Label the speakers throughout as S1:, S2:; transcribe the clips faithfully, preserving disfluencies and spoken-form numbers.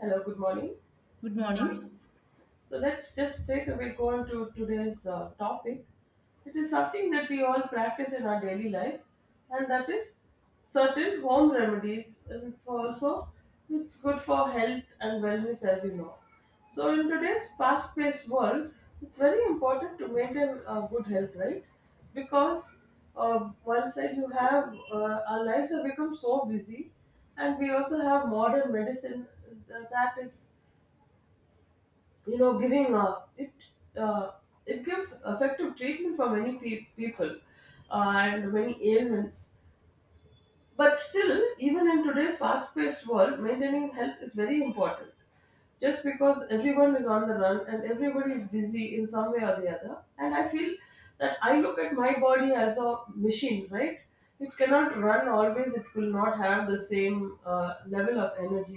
S1: Hello, good morning.
S2: Good morning.
S1: So let's just straight away go on to today's uh, topic. It is something that we all practice in our daily life, and that is certain home remedies. And for also, it's good for health and wellness, as you know. So, in today's fast paced world, it's very important to maintain uh, good health, right? Because uh, one side you have uh, our lives have become so busy, and we also have modern medicine uh, that is you know giving uh, it uh, it gives effective treatment for many pe- people uh, and many ailments but still, even in today's fast paced world, maintaining health is very important. Just because everyone is on the run and everybody is busy in some way or the other. And I feel that I look at my body as a machine, right? It cannot run always, it will not have the same uh, level of energy.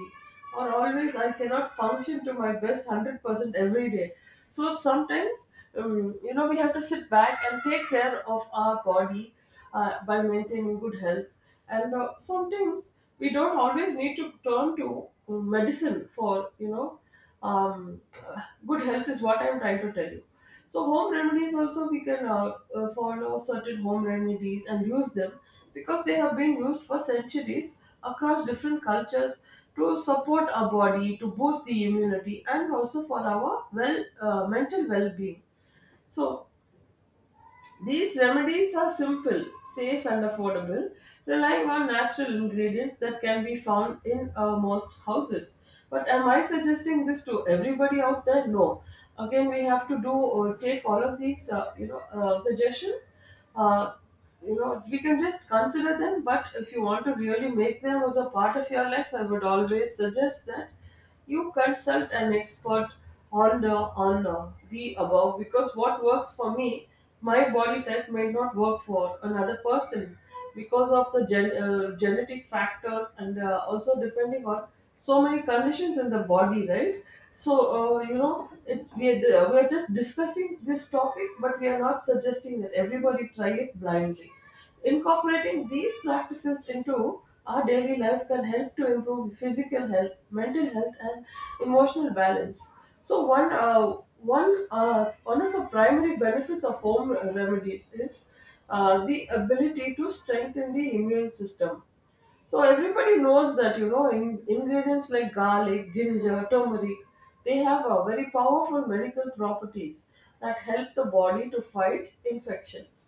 S1: Or always, I cannot function to my best one hundred percent every day. So sometimes, um, you know, we have to sit back and take care of our body uh, by maintaining good health. And uh, sometimes we don't always need to turn to um, medicine for, you know, um, uh, good health is what I'm trying to tell you. So home remedies also we can uh, uh, follow certain home remedies and use them because they have been used for centuries across different cultures to support our body, to boost the immunity, and also for our well uh, mental well-being. So these remedies are simple, safe, and affordable, relying on natural ingredients that can be found in uh, most houses. But am I suggesting this to everybody out there? No. Again, we have to do or take all of these, uh, you know, uh, suggestions. Uh, you know, we can just consider them. But if you want to really make them as a part of your life, I would always suggest that you consult an expert on the on the, the above because what works for me, my body type may not work for another person because of the gen, uh, genetic factors and uh, also depending on so many conditions in the body, right? So uh, you know, it's we are, we are just discussing this topic, but we are not suggesting that everybody try it blindly. Incorporating these practices into our daily life can help to improve physical health, mental health, and emotional balance. So one uh, one uh, one of the primary benefits of home remedies is uh, the ability to strengthen the immune system. So everybody knows that you know in, ingredients like garlic, ginger, turmeric, they have a very powerful medical properties that help the body to fight infections.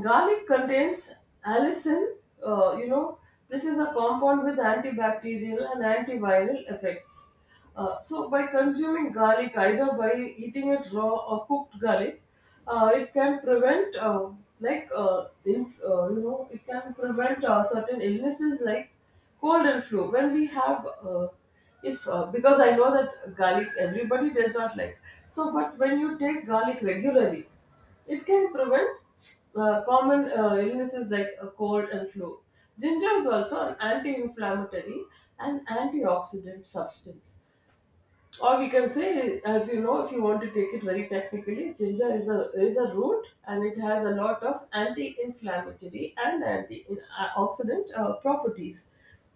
S1: Garlic contains allicin, uh, you know, this is a compound with antibacterial and antiviral effects. Uh, so, by consuming garlic, either by eating it raw or cooked garlic, uh, it can prevent, uh, like, uh, inf- uh, you know, it can prevent uh, certain illnesses like cold and flu. When we have, uh, if uh, because I know that garlic everybody does not like. So, but when you take garlic regularly, it can prevent uh, common uh, illnesses like a cold and flu. Ginger is also an anti inflammatory and antioxidant substance. Or we can say, as you know, if you want to take it very technically, ginger is a is a root and it has a lot of anti-inflammatory and antioxidant uh, properties.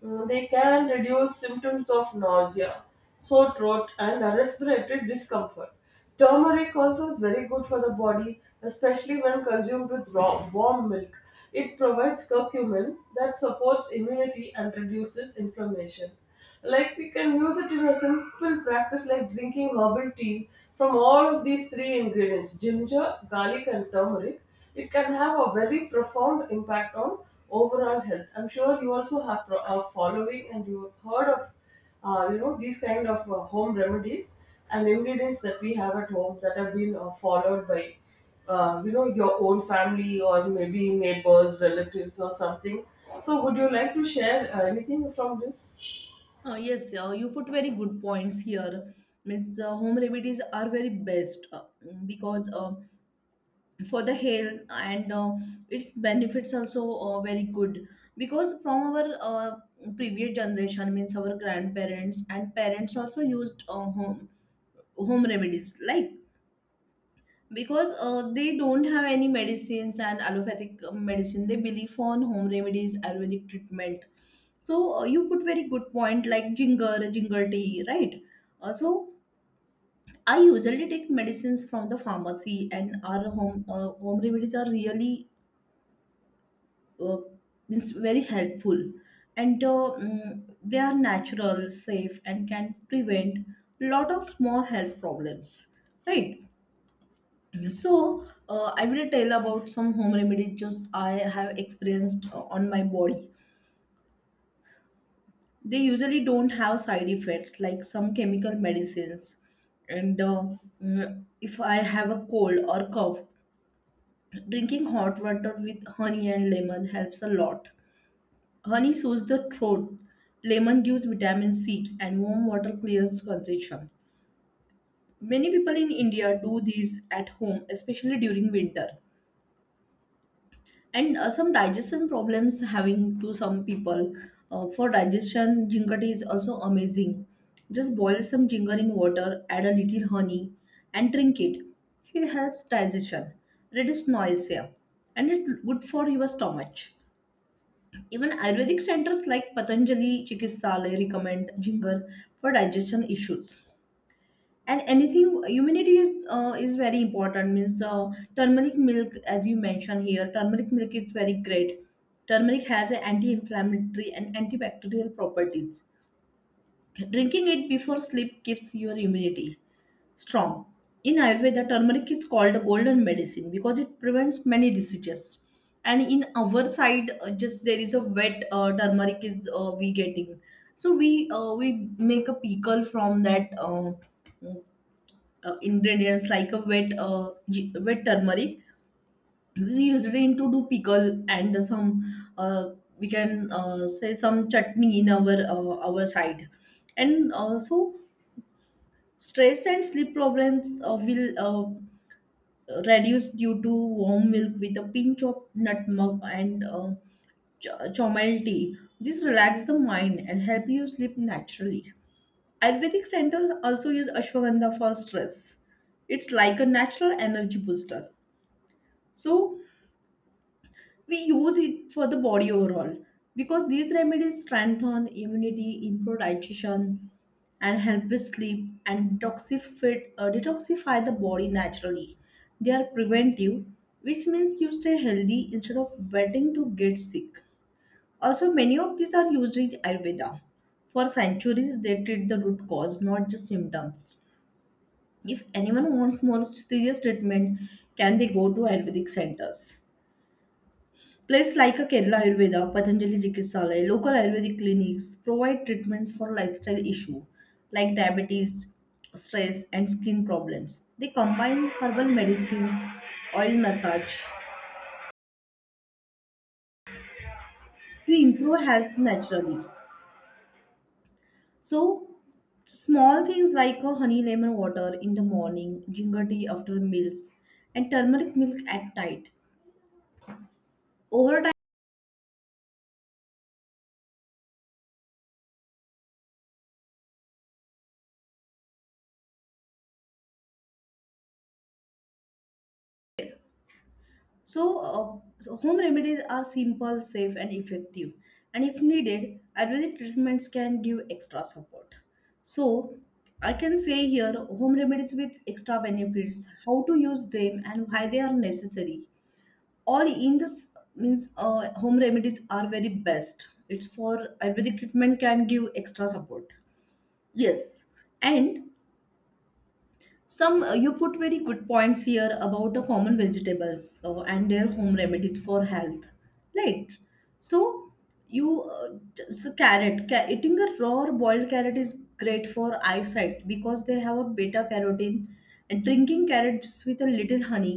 S1: Mm, They can reduce symptoms of nausea, sore throat, and uh, respiratory discomfort. Turmeric also is very good for the body, especially when consumed with raw warm milk. It provides curcumin that supports immunity and reduces inflammation. Like we can use it in a simple practice like drinking herbal tea from all of these three ingredients ginger, garlic, and turmeric. It can have a very profound impact on overall health. I'm sure you also have pro- a following and you have heard of uh, you know these kind of uh, home remedies and ingredients that we have at home that have been uh, followed by uh, you know your own family or maybe neighbors relatives or something so would you like to share uh, anything from this
S2: Uh, yes, uh, you put very good points here. Means uh, home remedies are very best uh, because uh, for the health and uh, its benefits also uh, very good because from our uh, previous generation means our grandparents and parents also used uh, home home remedies like because uh, they don't have any medicines and allopathic uh, medicine. They believe on home remedies, ayurvedic treatment. So uh, you put very good point, like ginger ginger tea, right? Uh, so I usually take medicines from the pharmacy, and our home uh, home remedies are really uh, means very helpful. And uh, mm, they are natural safe and can prevent lot of small health problems right So, uh, I will tell about some home remedies just I have experienced uh, on my body. They usually don't have side effects like some chemical medicines. And uh, mm, if I have a cold or cough, drinking hot water with honey and lemon helps a lot. Honey soothes the throat, lemon gives vitamin C, and warm water clears congestion. Many people in India do this at home, especially during winter. And uh, some digestion problems having to some people. Uh, for digestion, ginger tea is also amazing. Just boil some ginger in water, add a little honey, and drink it. It helps digestion, reduce nausea, and it's good for your stomach. Even ayurvedic centers like Patanjali Chikitsalayam recommend ginger for digestion issues. And anything, immunity is uh, is very important. Means uh, turmeric milk, as you mentioned here, turmeric milk is very great. Turmeric has a anti-inflammatory and antibacterial properties. Drinking it before sleep keeps your immunity strong. In Ayurveda, turmeric is called a golden medicine because it prevents many diseases. And in our side uh, just there is a wet uh, turmeric is uh, we getting. So we uh, we make a pickle from that uh, uh, ingredients like a wet uh, gi- wet turmeric. We use it in to do pickle, and some uh, we can uh, say some chutney in our uh, our side. And also stress and sleep problems uh, will uh, reduce due to warm milk with a pinch of nutmeg and uh, ch- chamomile tea. This relax the mind and help you sleep naturally. Ayurvedic centers also use ashwagandha for stress. It's like a natural energy booster. So we use it for the body overall, because these remedies strengthen immunity, improve digestion, and help with sleep, and detoxify, uh, detoxify the body naturally. They are preventive, which means you stay healthy instead of waiting to get sick. Also, many of these are used in Ayurveda. For centuries, they treat the root cause, not just symptoms. If anyone wants more serious treatment, can they go to Ayurvedic centers? Places like a Kerala Ayurveda, Patanjali Chikitsalaya, local Ayurvedic clinics provide treatments for lifestyle issues like diabetes, stress, and skin problems. They combine herbal medicines, oil massage to improve health naturally. So small things like a honey lemon water in the morning, ginger tea after meals, and turmeric milk at night. Over. So, uh, so home remedies are simple, safe, and effective. And if needed, Ayurvedic treatments can give extra support. So I can say here home remedies with extra benefits, how to use them, and why they are necessary. All in this, means uh, home remedies are very best. It's for Ayurvedic treatment can give extra support. Yes, and some, uh, you put very good points here about the common vegetables uh, and their home remedies for health, right? So you uh, t- so carrot ca- eating a raw or boiled carrot is great for eyesight, because they have a beta carotene, and drinking carrots with a little honey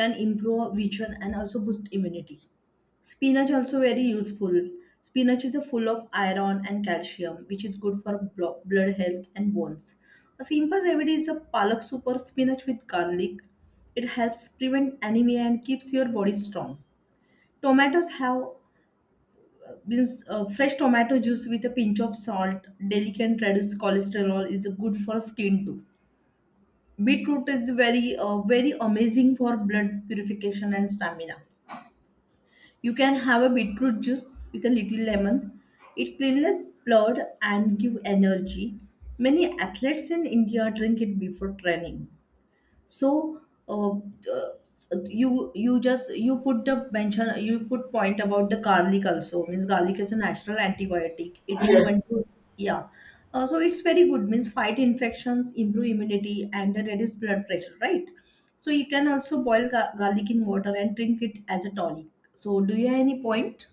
S2: can improve vision and also boost immunity. Spinach also very useful. Spinach is a full of iron and calcium, which is good for blo- blood health and bones. A simple remedy is a palak soup or spinach with garlic. It helps prevent anemia and keeps your body strong. Tomatoes have, means uh, fresh tomato juice with a pinch of salt, delicate reduce cholesterol, is good for skin too. Beetroot is very uh, very amazing for blood purification and stamina. You can have a beetroot juice with a little lemon. It cleanses blood and give energy. Many athletes in India drink it before training. So uh, uh, you you just you put the mention, you put point about the garlic also. Means garlic is a natural antibiotic, eating one
S1: Yes.
S2: to yeah. Uh, so it's very good, means fight infections, improve immunity, and reduce blood pressure, right? So you can also boil ga- garlic in water and drink it as a tonic. So do you have any point?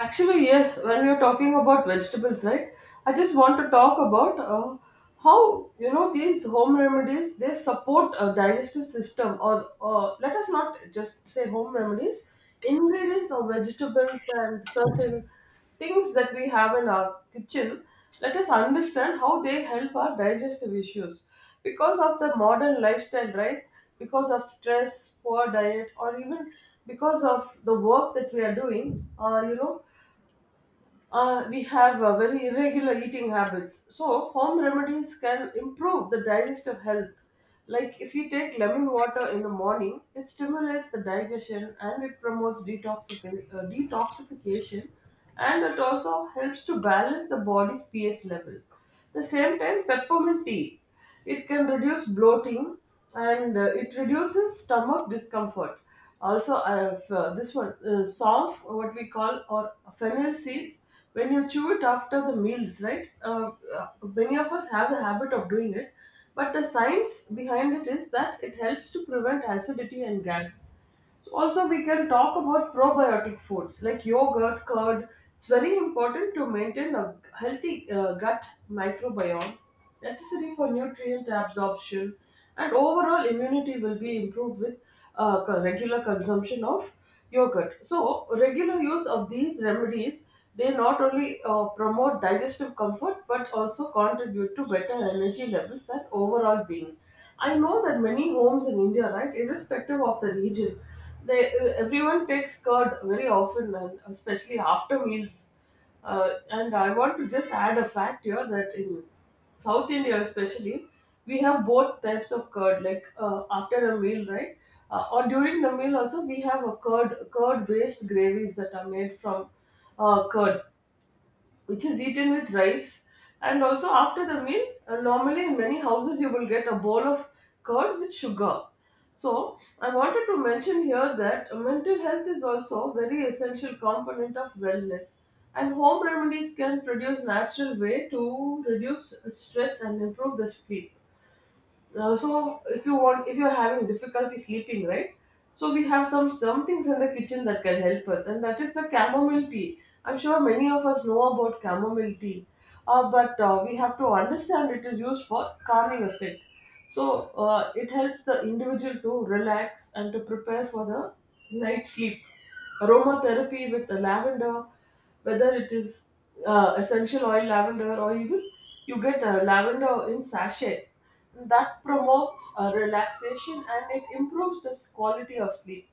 S1: Actually, yes, when we are talking about vegetables, right? I just want to talk about uh, how you know these home remedies they support a digestive system, or uh, let us not just say home remedies, ingredients or vegetables and certain things that we have in our kitchen. Let us understand how they help our digestive issues because of the modern lifestyle, right? Because of stress, poor diet, or even because of the work that we are doing, uh, you know, uh, we have uh, very irregular eating habits. So, home remedies can improve the digestive health. Like if you take lemon water in the morning, it stimulates the digestion and it promotes detoxifi- uh, detoxification and it also helps to balance the body's pH level the same time peppermint tea it can reduce bloating and uh, it reduces stomach discomfort also uh, f- uh, this one uh, sonf what we call or fennel seeds when you chew it after the meals right uh, uh, many of us have the habit of doing it but the science behind it is that it helps to prevent acidity and gas so also we can talk about probiotic foods like yogurt, curd. It's very important to maintain a healthy uh, gut microbiome necessary for nutrient absorption and overall immunity will be improved with uh, co- regular consumption of yogurt. So regular use of these remedies they not only uh, promote digestive comfort but also contribute to better energy levels and overall being. I know that many homes in India, right, irrespective of the region, they uh, everyone takes curd very often, and especially after meals. Uh, and I want to just add a fact here that in South India, especially, we have both types of curd. Like uh, after a meal, right, uh, or during the meal also, we have a curd curd based gravies that are made from uh, curd which is eaten with rice. And also, after the meal, uh, normally in many houses, you will get a bowl of curd with sugar. So, I wanted to mention here that mental health is also a very essential component of wellness. And home remedies can produce natural way to reduce stress and improve the sleep. Uh, so if you want, if you're having difficulty sleeping, right? So we have some some things in the kitchen that can help us, and that is the chamomile tea. I'm sure many of us know about chamomile tea, uh, but uh, we have to understand it is used for calming effect. So uh, it helps the individual to relax and to prepare for the night sleep aromatherapy with the lavender, whether it is uh, essential oil lavender or even you get uh, lavender in sachet. That promotes uh, relaxation and it improves the quality of sleep.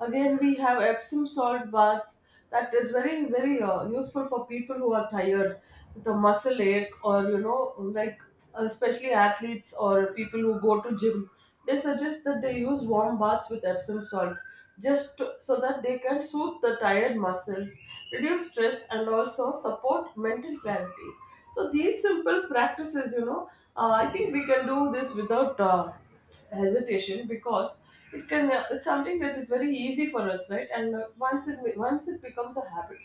S1: Again, we have Epsom salt baths. That is very, very uh, useful for people who are tired with a muscle ache or, you know, like especially athletes or people who go to gym. They suggest that they use warm baths with Epsom salt just to- so that they can soothe the tired muscles, reduce stress, and also support mental clarity. So these simple practices, you know, uh, I think we can do this without uh, hesitation because it can. Uh, it's something that is very easy for us, right? And uh, once it once it becomes a habit,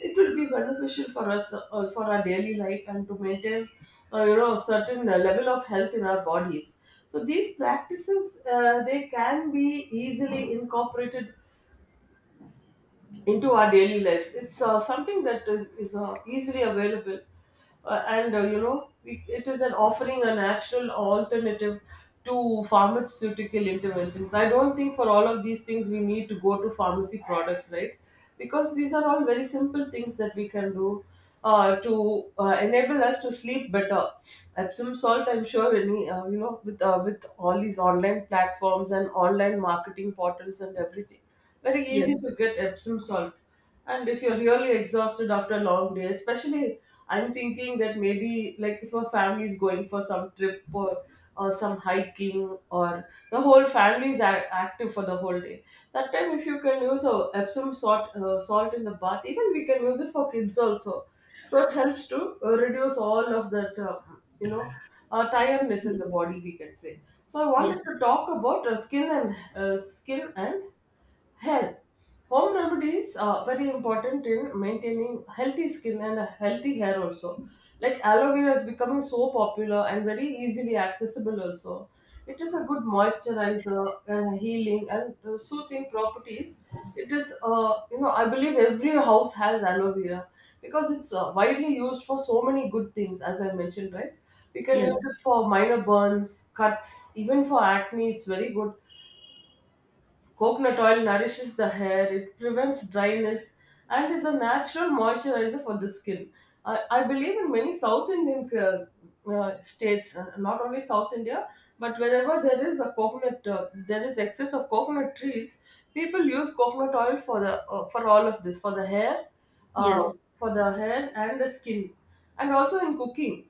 S1: it will be beneficial for us uh, for our daily life and to maintain uh, you know certain uh, level of health in our bodies so these practices uh, they can be easily incorporated into our daily lives. It's uh, something that is, is uh, easily available, uh, and uh, you know, we, it is an offering a natural alternative to pharmaceutical interventions. I don't think for all of these things we need to go to pharmacy products, right? Because these are all very simple things that we can do uh, to uh, enable us to sleep better. Epsom salt, I'm sure, any uh, you know, with uh, with all these online platforms and online marketing portals and everything very easy
S2: Yes,
S1: to get Epsom salt. And if you're really exhausted after a long day, especially I'm thinking that maybe like if a family is going for some trip or, or some hiking or the whole family is a- active for the whole day. That time if you can use a Epsom salt uh, salt in the bath, even we can use it for kids also. So it helps to uh, reduce all of that uh, you know uh, tiredness in the body we can say. So I wanted
S2: yes,
S1: to talk about uh, skin and uh, skin and health. Home remedies are very important in maintaining healthy skin and a healthy hair also. Like aloe vera is becoming so popular and very easily accessible also. It is a good moisturizer and healing and uh, soothing properties. It is, uh, you know, I believe every house has aloe vera because it's uh, widely used for so many good things, as I mentioned, right? We can use it
S2: yes,
S1: for minor burns, cuts, even for acne. It's very good. Coconut oil nourishes the hair, it prevents dryness, and is a natural moisturizer for the skin. I, I believe in many South Indian uh, uh, states, uh, not only South India, but wherever there is a coconut, uh, there is excess of coconut trees. People use coconut oil for the uh, for all of this, for the hair, uh,
S2: yes,
S1: for the hair and the skin, and also in cooking.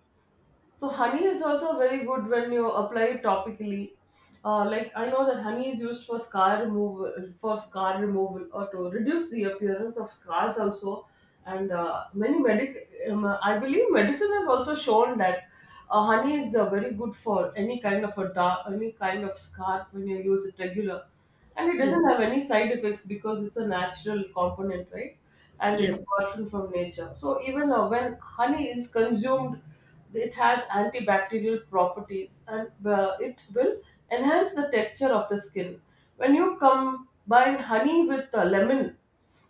S1: So honey is also very good when you apply it topically. Uh, like I know that honey is used for scar removal, for scar removal, or to reduce the appearance of scars also. And uh, many medic, um, I believe medicine has also shown that uh, honey is uh, very good for any kind of a dark, any kind of scar when you use it regular, and it
S2: yes,
S1: doesn't have
S2: yes,
S1: any side effects because it's a natural component, right? And it's
S2: yes,
S1: gotten from nature. So even uh, when honey is consumed, it has antibacterial properties, and uh, it will enhance the texture of the skin. When you combine honey with uh, lemon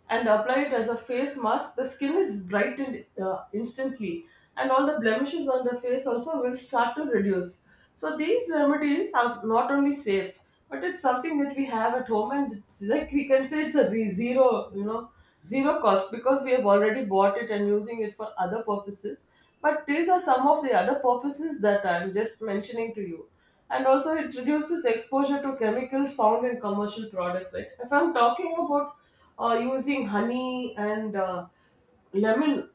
S1: and apply it as a face mask, the skin is brightened uh, instantly, and all the blemishes on the face also will start to reduce. So these remedies are not only safe, but it's something that we have at home, and it's like we can say it's a re- zero, you know, zero cost because we have already bought it and using it for other purposes. But these are some of the other purposes that I'm just mentioning to you. And also, it reduces exposure to chemicals found in commercial products. Right? If I'm talking about uh, using honey and uh, lemon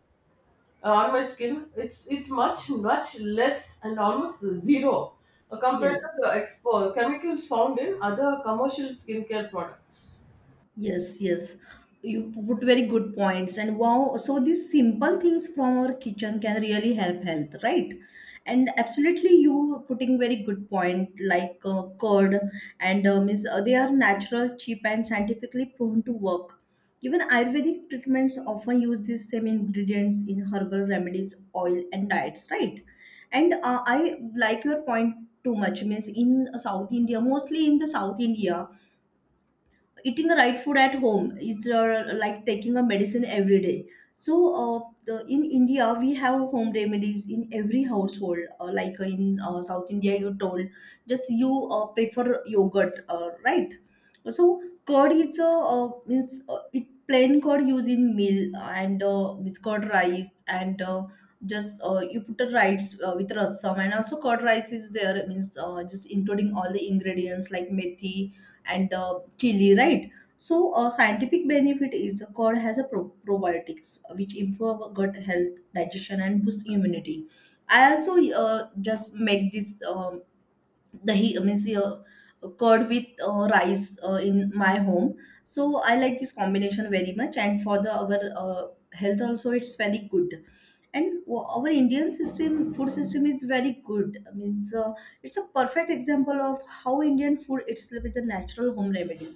S1: uh, on my skin, it's it's much much less and almost zero, uh, compared to the
S2: yes.
S1: expo chemicals found in other commercial skincare products.
S2: Yes, yes. You put very good points. And wow, so these simple things from our kitchen can really help health, right? And absolutely, you putting very good point, like uh, curd. And um, is uh, They are natural, cheap, and scientifically proven to work. Even Ayurvedic treatments often use these same ingredients in herbal remedies, oil, and diets, right? And uh, I like your point too much. Means in South India, mostly in the South India, eating the right food at home is uh, like taking a medicine every day. So uh, the, in India we have home remedies in every household uh, like in uh, South India you told. Just you uh, prefer yogurt uh, right? So curd is a uh, means uh, it plain curd used in meal, and uh, means curd rice. And uh, just uh, You put the rice uh, with rasam, and also curd rice is there, means uh, just including all the ingredients like methi and uh, chili, right? So a scientific benefit is uh, curd has a pro- probiotics which improve our gut health, digestion, and boost immunity. I also uh, just make this um dahi, uh, means uh, curd with uh, rice uh, in my home. So I like this combination very much, and for the our uh, health also, it's very good. And w- our Indian system, food system is very good. I mean, uh, it's a perfect example of how Indian food itself is a natural home remedy.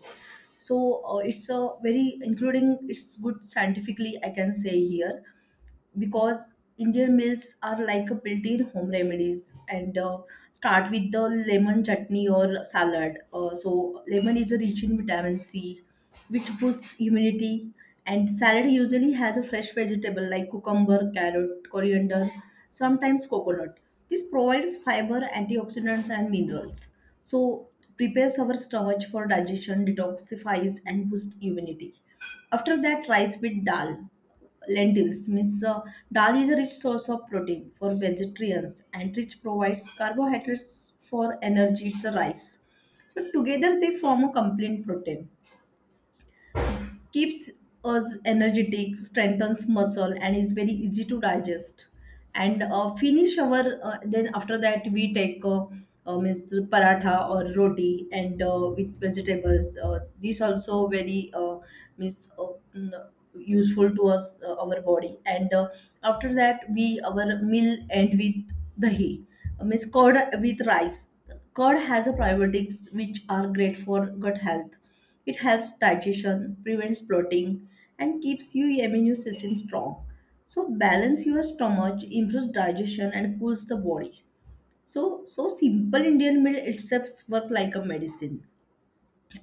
S2: So uh, it's a very including it's good scientifically, I can say here, because Indian meals are like a built-in home remedies and uh, start with the lemon chutney or salad. Uh, so lemon is rich in vitamin C, which boosts immunity. And salad usually has a fresh vegetable like cucumber, carrot, coriander, sometimes coconut. This provides fiber, antioxidants, and minerals. So prepares our stomach for digestion, detoxifies, and boosts immunity. After that, rice with dal lentils, means uh, dal is a rich source of protein for vegetarians, and rich provides carbohydrates for energy, it's a rice. So together they form a complete protein, keeps us energetic, strengthens muscle, and is very easy to digest. And uh, finish our uh, Then after that we take, uh, uh, means paratha or roti and uh, with vegetables. Uh, these also very uh, means uh, mm, useful to us, uh, our body. And uh, After that, we our meal end with dahi, uh, means curd with rice. Curd has a probiotics which are great for gut health. It helps digestion, prevents bloating, and keeps your immune system strong. So balance your stomach, improves digestion, and cools the body. So so simple Indian meal itself work like a medicine.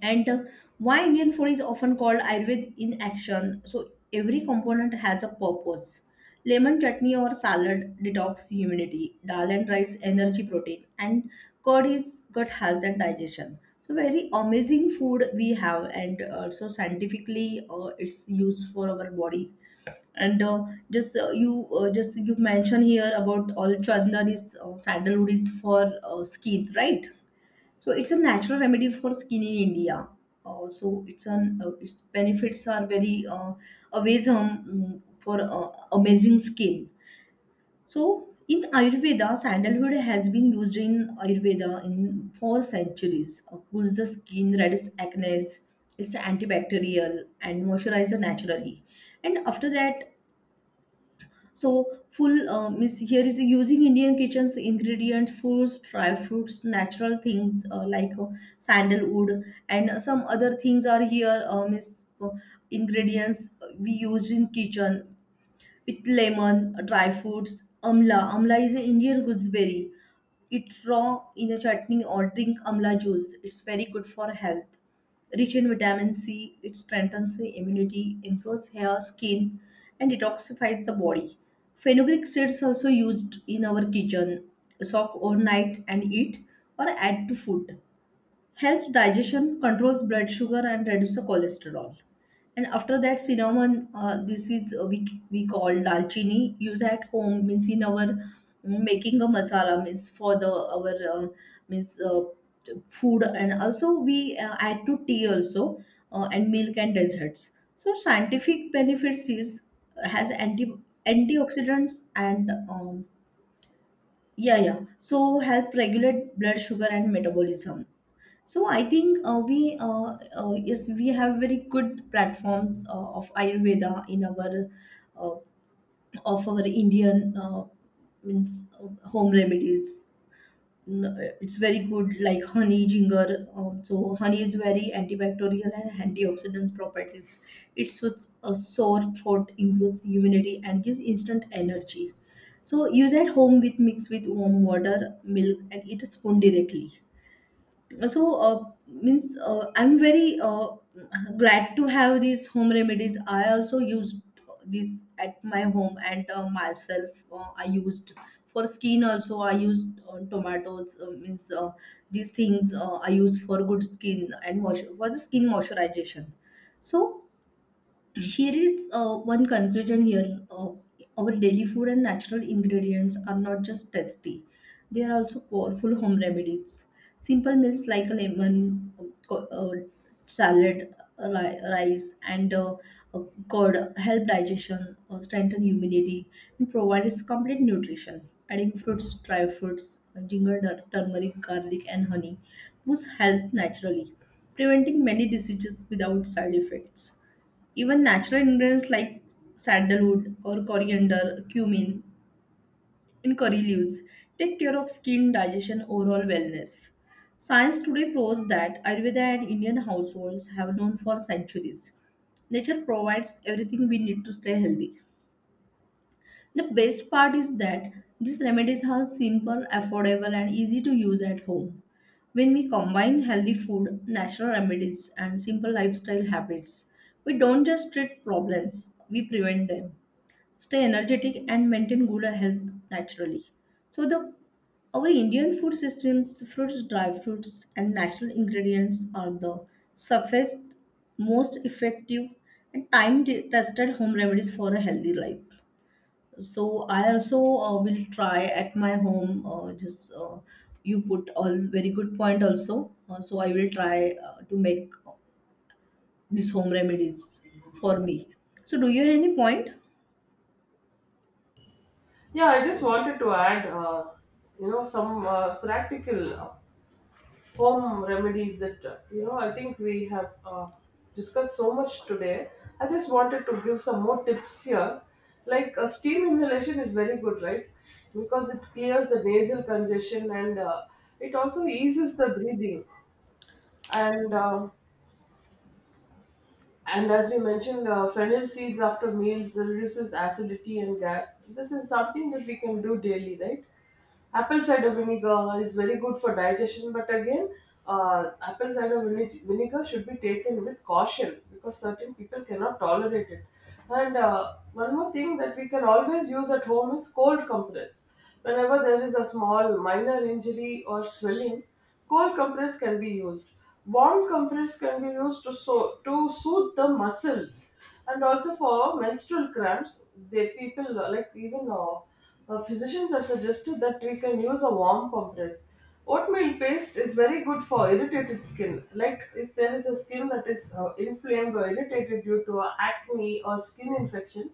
S2: And uh, Why Indian food is often called Ayurved in action. So every component has a purpose. Lemon chutney or salad, detox immunity; dal and rice, energy protein; and curd is gut health and digestion. So very amazing food we have, and also scientifically uh, it's used for our body. And uh, just uh, you uh, just You mentioned here about all chandan is, uh, sandalwood is for uh, skin, right? So it's a natural remedy for skin in India. Uh, So it's an uh, its benefits are very uh, amazing for uh, amazing skin. So in Ayurveda, sandalwood has been used in Ayurveda in four centuries. Uh, cools the skin, reduces acne, it's antibacterial and moisturizer naturally. And after that, so full um, is here is using Indian kitchens ingredients, fruits, dry fruits, natural things uh, like uh, sandalwood and some other things are here, um, is uh, ingredients we use in kitchen with lemon, dry fruits, amla. Amla is an Indian gooseberry. Eat raw in a chutney or drink amla juice. It's very good for health. Rich in vitamin C, it strengthens the immunity, improves hair, skin, and detoxifies the body. Fenugreek seeds also used in our kitchen. Soak overnight and eat or add to food, helps digestion, controls blood sugar, and reduces the cholesterol. And after that, cinnamon, uh, this is uh, we, we call dalchini, use at home, means in our mm, making a masala, means for the our uh, means uh, food, and also we uh, add to tea also, uh, and milk and desserts. So scientific benefits is has anti antioxidants and um, yeah, yeah, so help regulate blood sugar and metabolism. So I think uh, we uh, uh, yes, we have very good platforms uh, of Ayurveda in our uh, of our Indian uh, means uh, home remedies n- it's very good, like honey, ginger, um, so honey is very antibacterial and antioxidants properties. It soothes a sore throat, improves immunity, and gives instant energy. So use at home with mix with warm water, milk, and eat a spoon directly. So uh, means uh, I'm very uh, glad to have these home remedies. I also used this at my home, and uh, myself uh, I used for skin also. I used uh, tomatoes uh, means uh, these things uh, I use for good skin and wash for the skin moisturization. So here is uh, one conclusion here. uh, our daily food and natural ingredients are not just tasty, they are also powerful home remedies. Simple meals like a lemon uh, co- uh, salad, uh, ri- rice, and uh, uh, curd help digestion, uh, strengthen immunity, and provides complete nutrition. Adding fruits, dry fruits, uh, ginger tur- turmeric, garlic, and honey boosts health naturally, preventing many diseases without side effects. Even natural ingredients like sandalwood or coriander, cumin, and curry leaves take care of skin, digestion, overall wellness. Science today proves that Ayurveda and Indian households have known for centuries. Nature provides everything we need to stay healthy. The best part is that these remedies are simple, affordable, and easy to use at home. When we combine healthy food, natural remedies, and simple lifestyle habits, we don't just treat problems, we prevent them, stay energetic, and maintain good health naturally. So the our Indian food systems, fruits, dry fruits, and natural ingredients are the safest, most effective, and time-tested home remedies for a healthy life. So I also uh, will try at my home. Uh, just uh, You put all very good point also. Uh, so I will try uh, to make these home remedies for me. So do you have any point?
S1: Yeah, I just wanted to add, uh, you know, some uh, practical home remedies that uh, you know I think we have uh, discussed so much today. I just wanted to give some more tips here. Like uh, steam inhalation is very good, right? Because it clears the nasal congestion, and uh, it also eases the breathing. And uh, and as we mentioned, uh, fennel seeds after meals reduces acidity and gas. This is something that we can do daily, right? Apple cider vinegar is very good for digestion, but again, uh, apple cider vine- vinegar should be taken with caution because certain people cannot tolerate it. And uh, one more thing that we can always use at home is cold compress. Whenever there is a small minor injury or swelling, cold compress can be used. Warm compress can be used to so- to soothe the muscles, and also for menstrual cramps, they people, uh, like even uh, uh, physicians have suggested that we can use a warm compress. Oatmeal paste is very good for irritated skin. Like if there is a skin that is uh, inflamed or irritated due to a acne or skin infection,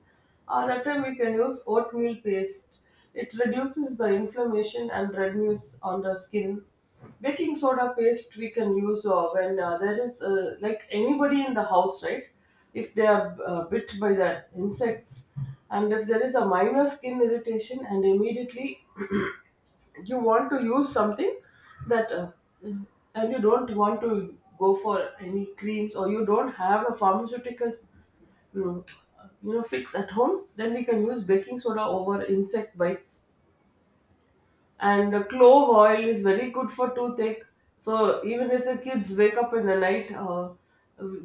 S1: uh, that time we can use oatmeal paste. It reduces the inflammation and redness on the skin. Baking soda paste we can use uh, when uh, there is uh, like anybody in the house, right? If they are uh, bit by the insects, and if there is a minor skin irritation and immediately you want to use something that uh, and you don't want to go for any creams, or you don't have a pharmaceutical mm, you know, fix at home, then we can use baking soda over insect bites. And uh, clove oil is very good for toothache. So even if the kids wake up in the night uh,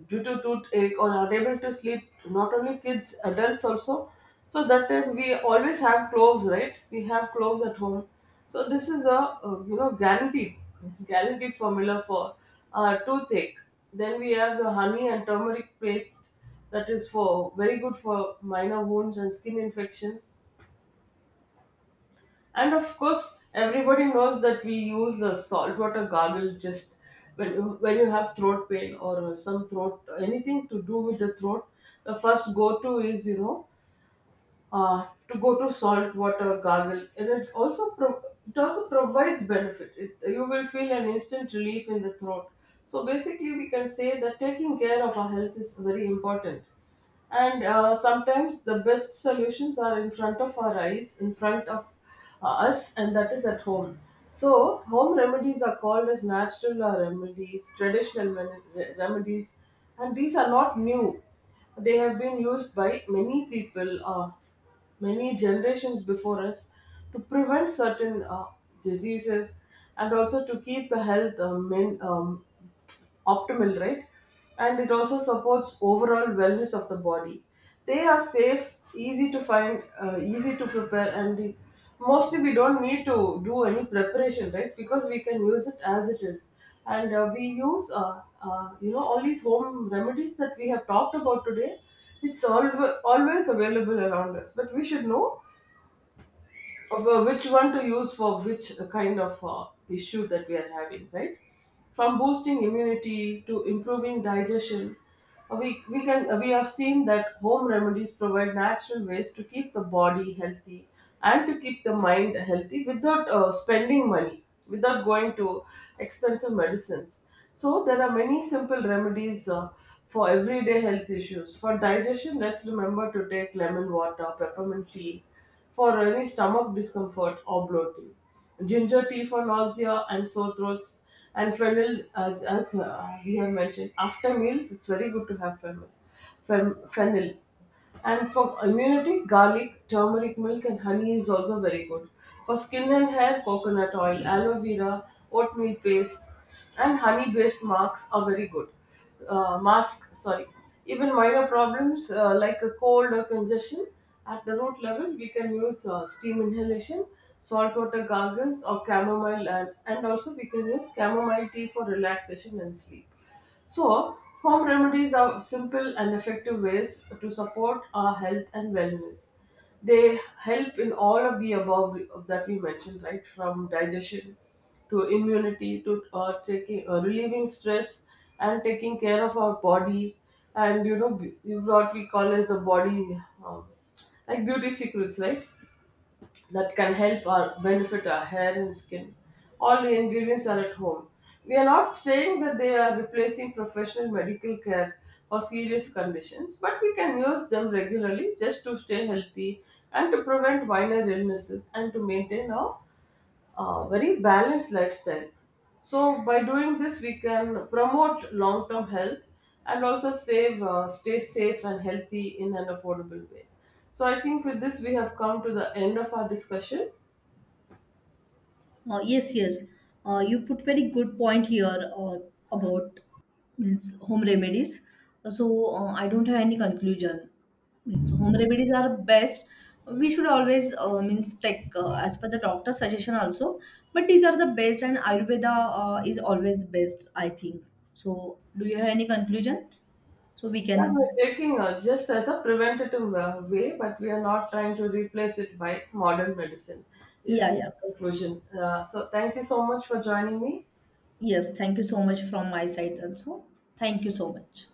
S1: due to toothache or unable to sleep, not only kids, adults also. So that time we always have cloves, right? We have cloves at home. So this is a uh, you know guaranteed guaranteed formula for uh, toothache. Then we have the honey and turmeric paste. That is for very good for minor wounds and skin infections. And of course, everybody knows that we use a saltwater gargle just when you, when you have throat pain or some throat, anything to do with the throat. The first go to is, you know, uh, to go to salt water gargle. And it also pro- it also provides benefit. It, you will feel an instant relief in the throat. So basically, we can say that taking care of our health is very important. And uh, sometimes the best solutions are in front of our eyes, in front of uh, us, and that is at home. So, home remedies are called as natural uh, remedies, traditional men- re- remedies, and these are not new. They have been used by many people, uh, many generations before us, to prevent certain uh, diseases, and also to keep the health uh, men, um, is optimal, right? And it also supports overall wellness of the body. They are safe, easy to find, uh, easy to prepare, and we, mostly we don't need to do any preparation, right? Because we can use it as it is, and uh, we use, uh, uh, you know, all these home remedies that we have talked about today. It's always always available around us, but we should know of uh, which one to use for which kind of uh, issue that we are having, right? From boosting immunity to improving digestion, uh, we we can uh, we have seen that home remedies provide natural ways to keep the body healthy and to keep the mind healthy without uh, spending money, without going to expensive medicines. So there are many simple remedies. Uh, for everyday health issues. For digestion, let's remember to take lemon water, peppermint tea, for any stomach discomfort or bloating. Ginger tea for nausea and sore throats, and fennel, as, as uh, we have mentioned, after meals, it's very good to have fennel. Fen- fennel. And for immunity, garlic, turmeric milk, and honey is also very good. For skin and hair, coconut oil, aloe vera, oatmeal paste, and honey based marks are very good, uh, mask, sorry. Even minor problems uh, like a cold or congestion at the root level, we can use uh, steam inhalation, saltwater gargles, or chamomile, and, and also we can use chamomile tea for relaxation and sleep. So, home remedies are simple and effective ways to support our health and wellness. They help in all of the above that we mentioned, right? From digestion to immunity to uh, taking uh, relieving stress and taking care of our body, and you know, b- what we call as the body um, like beauty secrets, right? That can help or benefit our hair and skin. All the ingredients are at home. We are not saying that they are replacing professional medical care for serious conditions, but we can use them regularly just to stay healthy and to prevent minor illnesses and to maintain our a very balanced lifestyle. So by doing this, we can promote long-term health and also save, uh, stay safe and healthy in an affordable way. So I think with this, we have come to the end of our discussion.
S2: Uh, yes, yes. Uh, you put very good point here uh, about, means, home remedies. So uh, I don't have any conclusion. Means home remedies are best. We should always uh, means take, uh, as per the doctor's suggestion also. But these are the best, and Ayurveda uh, is always best, I think. So do you have any conclusion? So we
S1: Yeah, we're
S2: can,
S1: taking uh, just as a preventative uh, way, but we are not trying to replace it by modern medicine.
S2: yeah,
S1: Is
S2: yeah.
S1: the conclusion. Uh, so thank you so much for joining me.
S2: Yes, thank you so much from my side also. Thank you so much.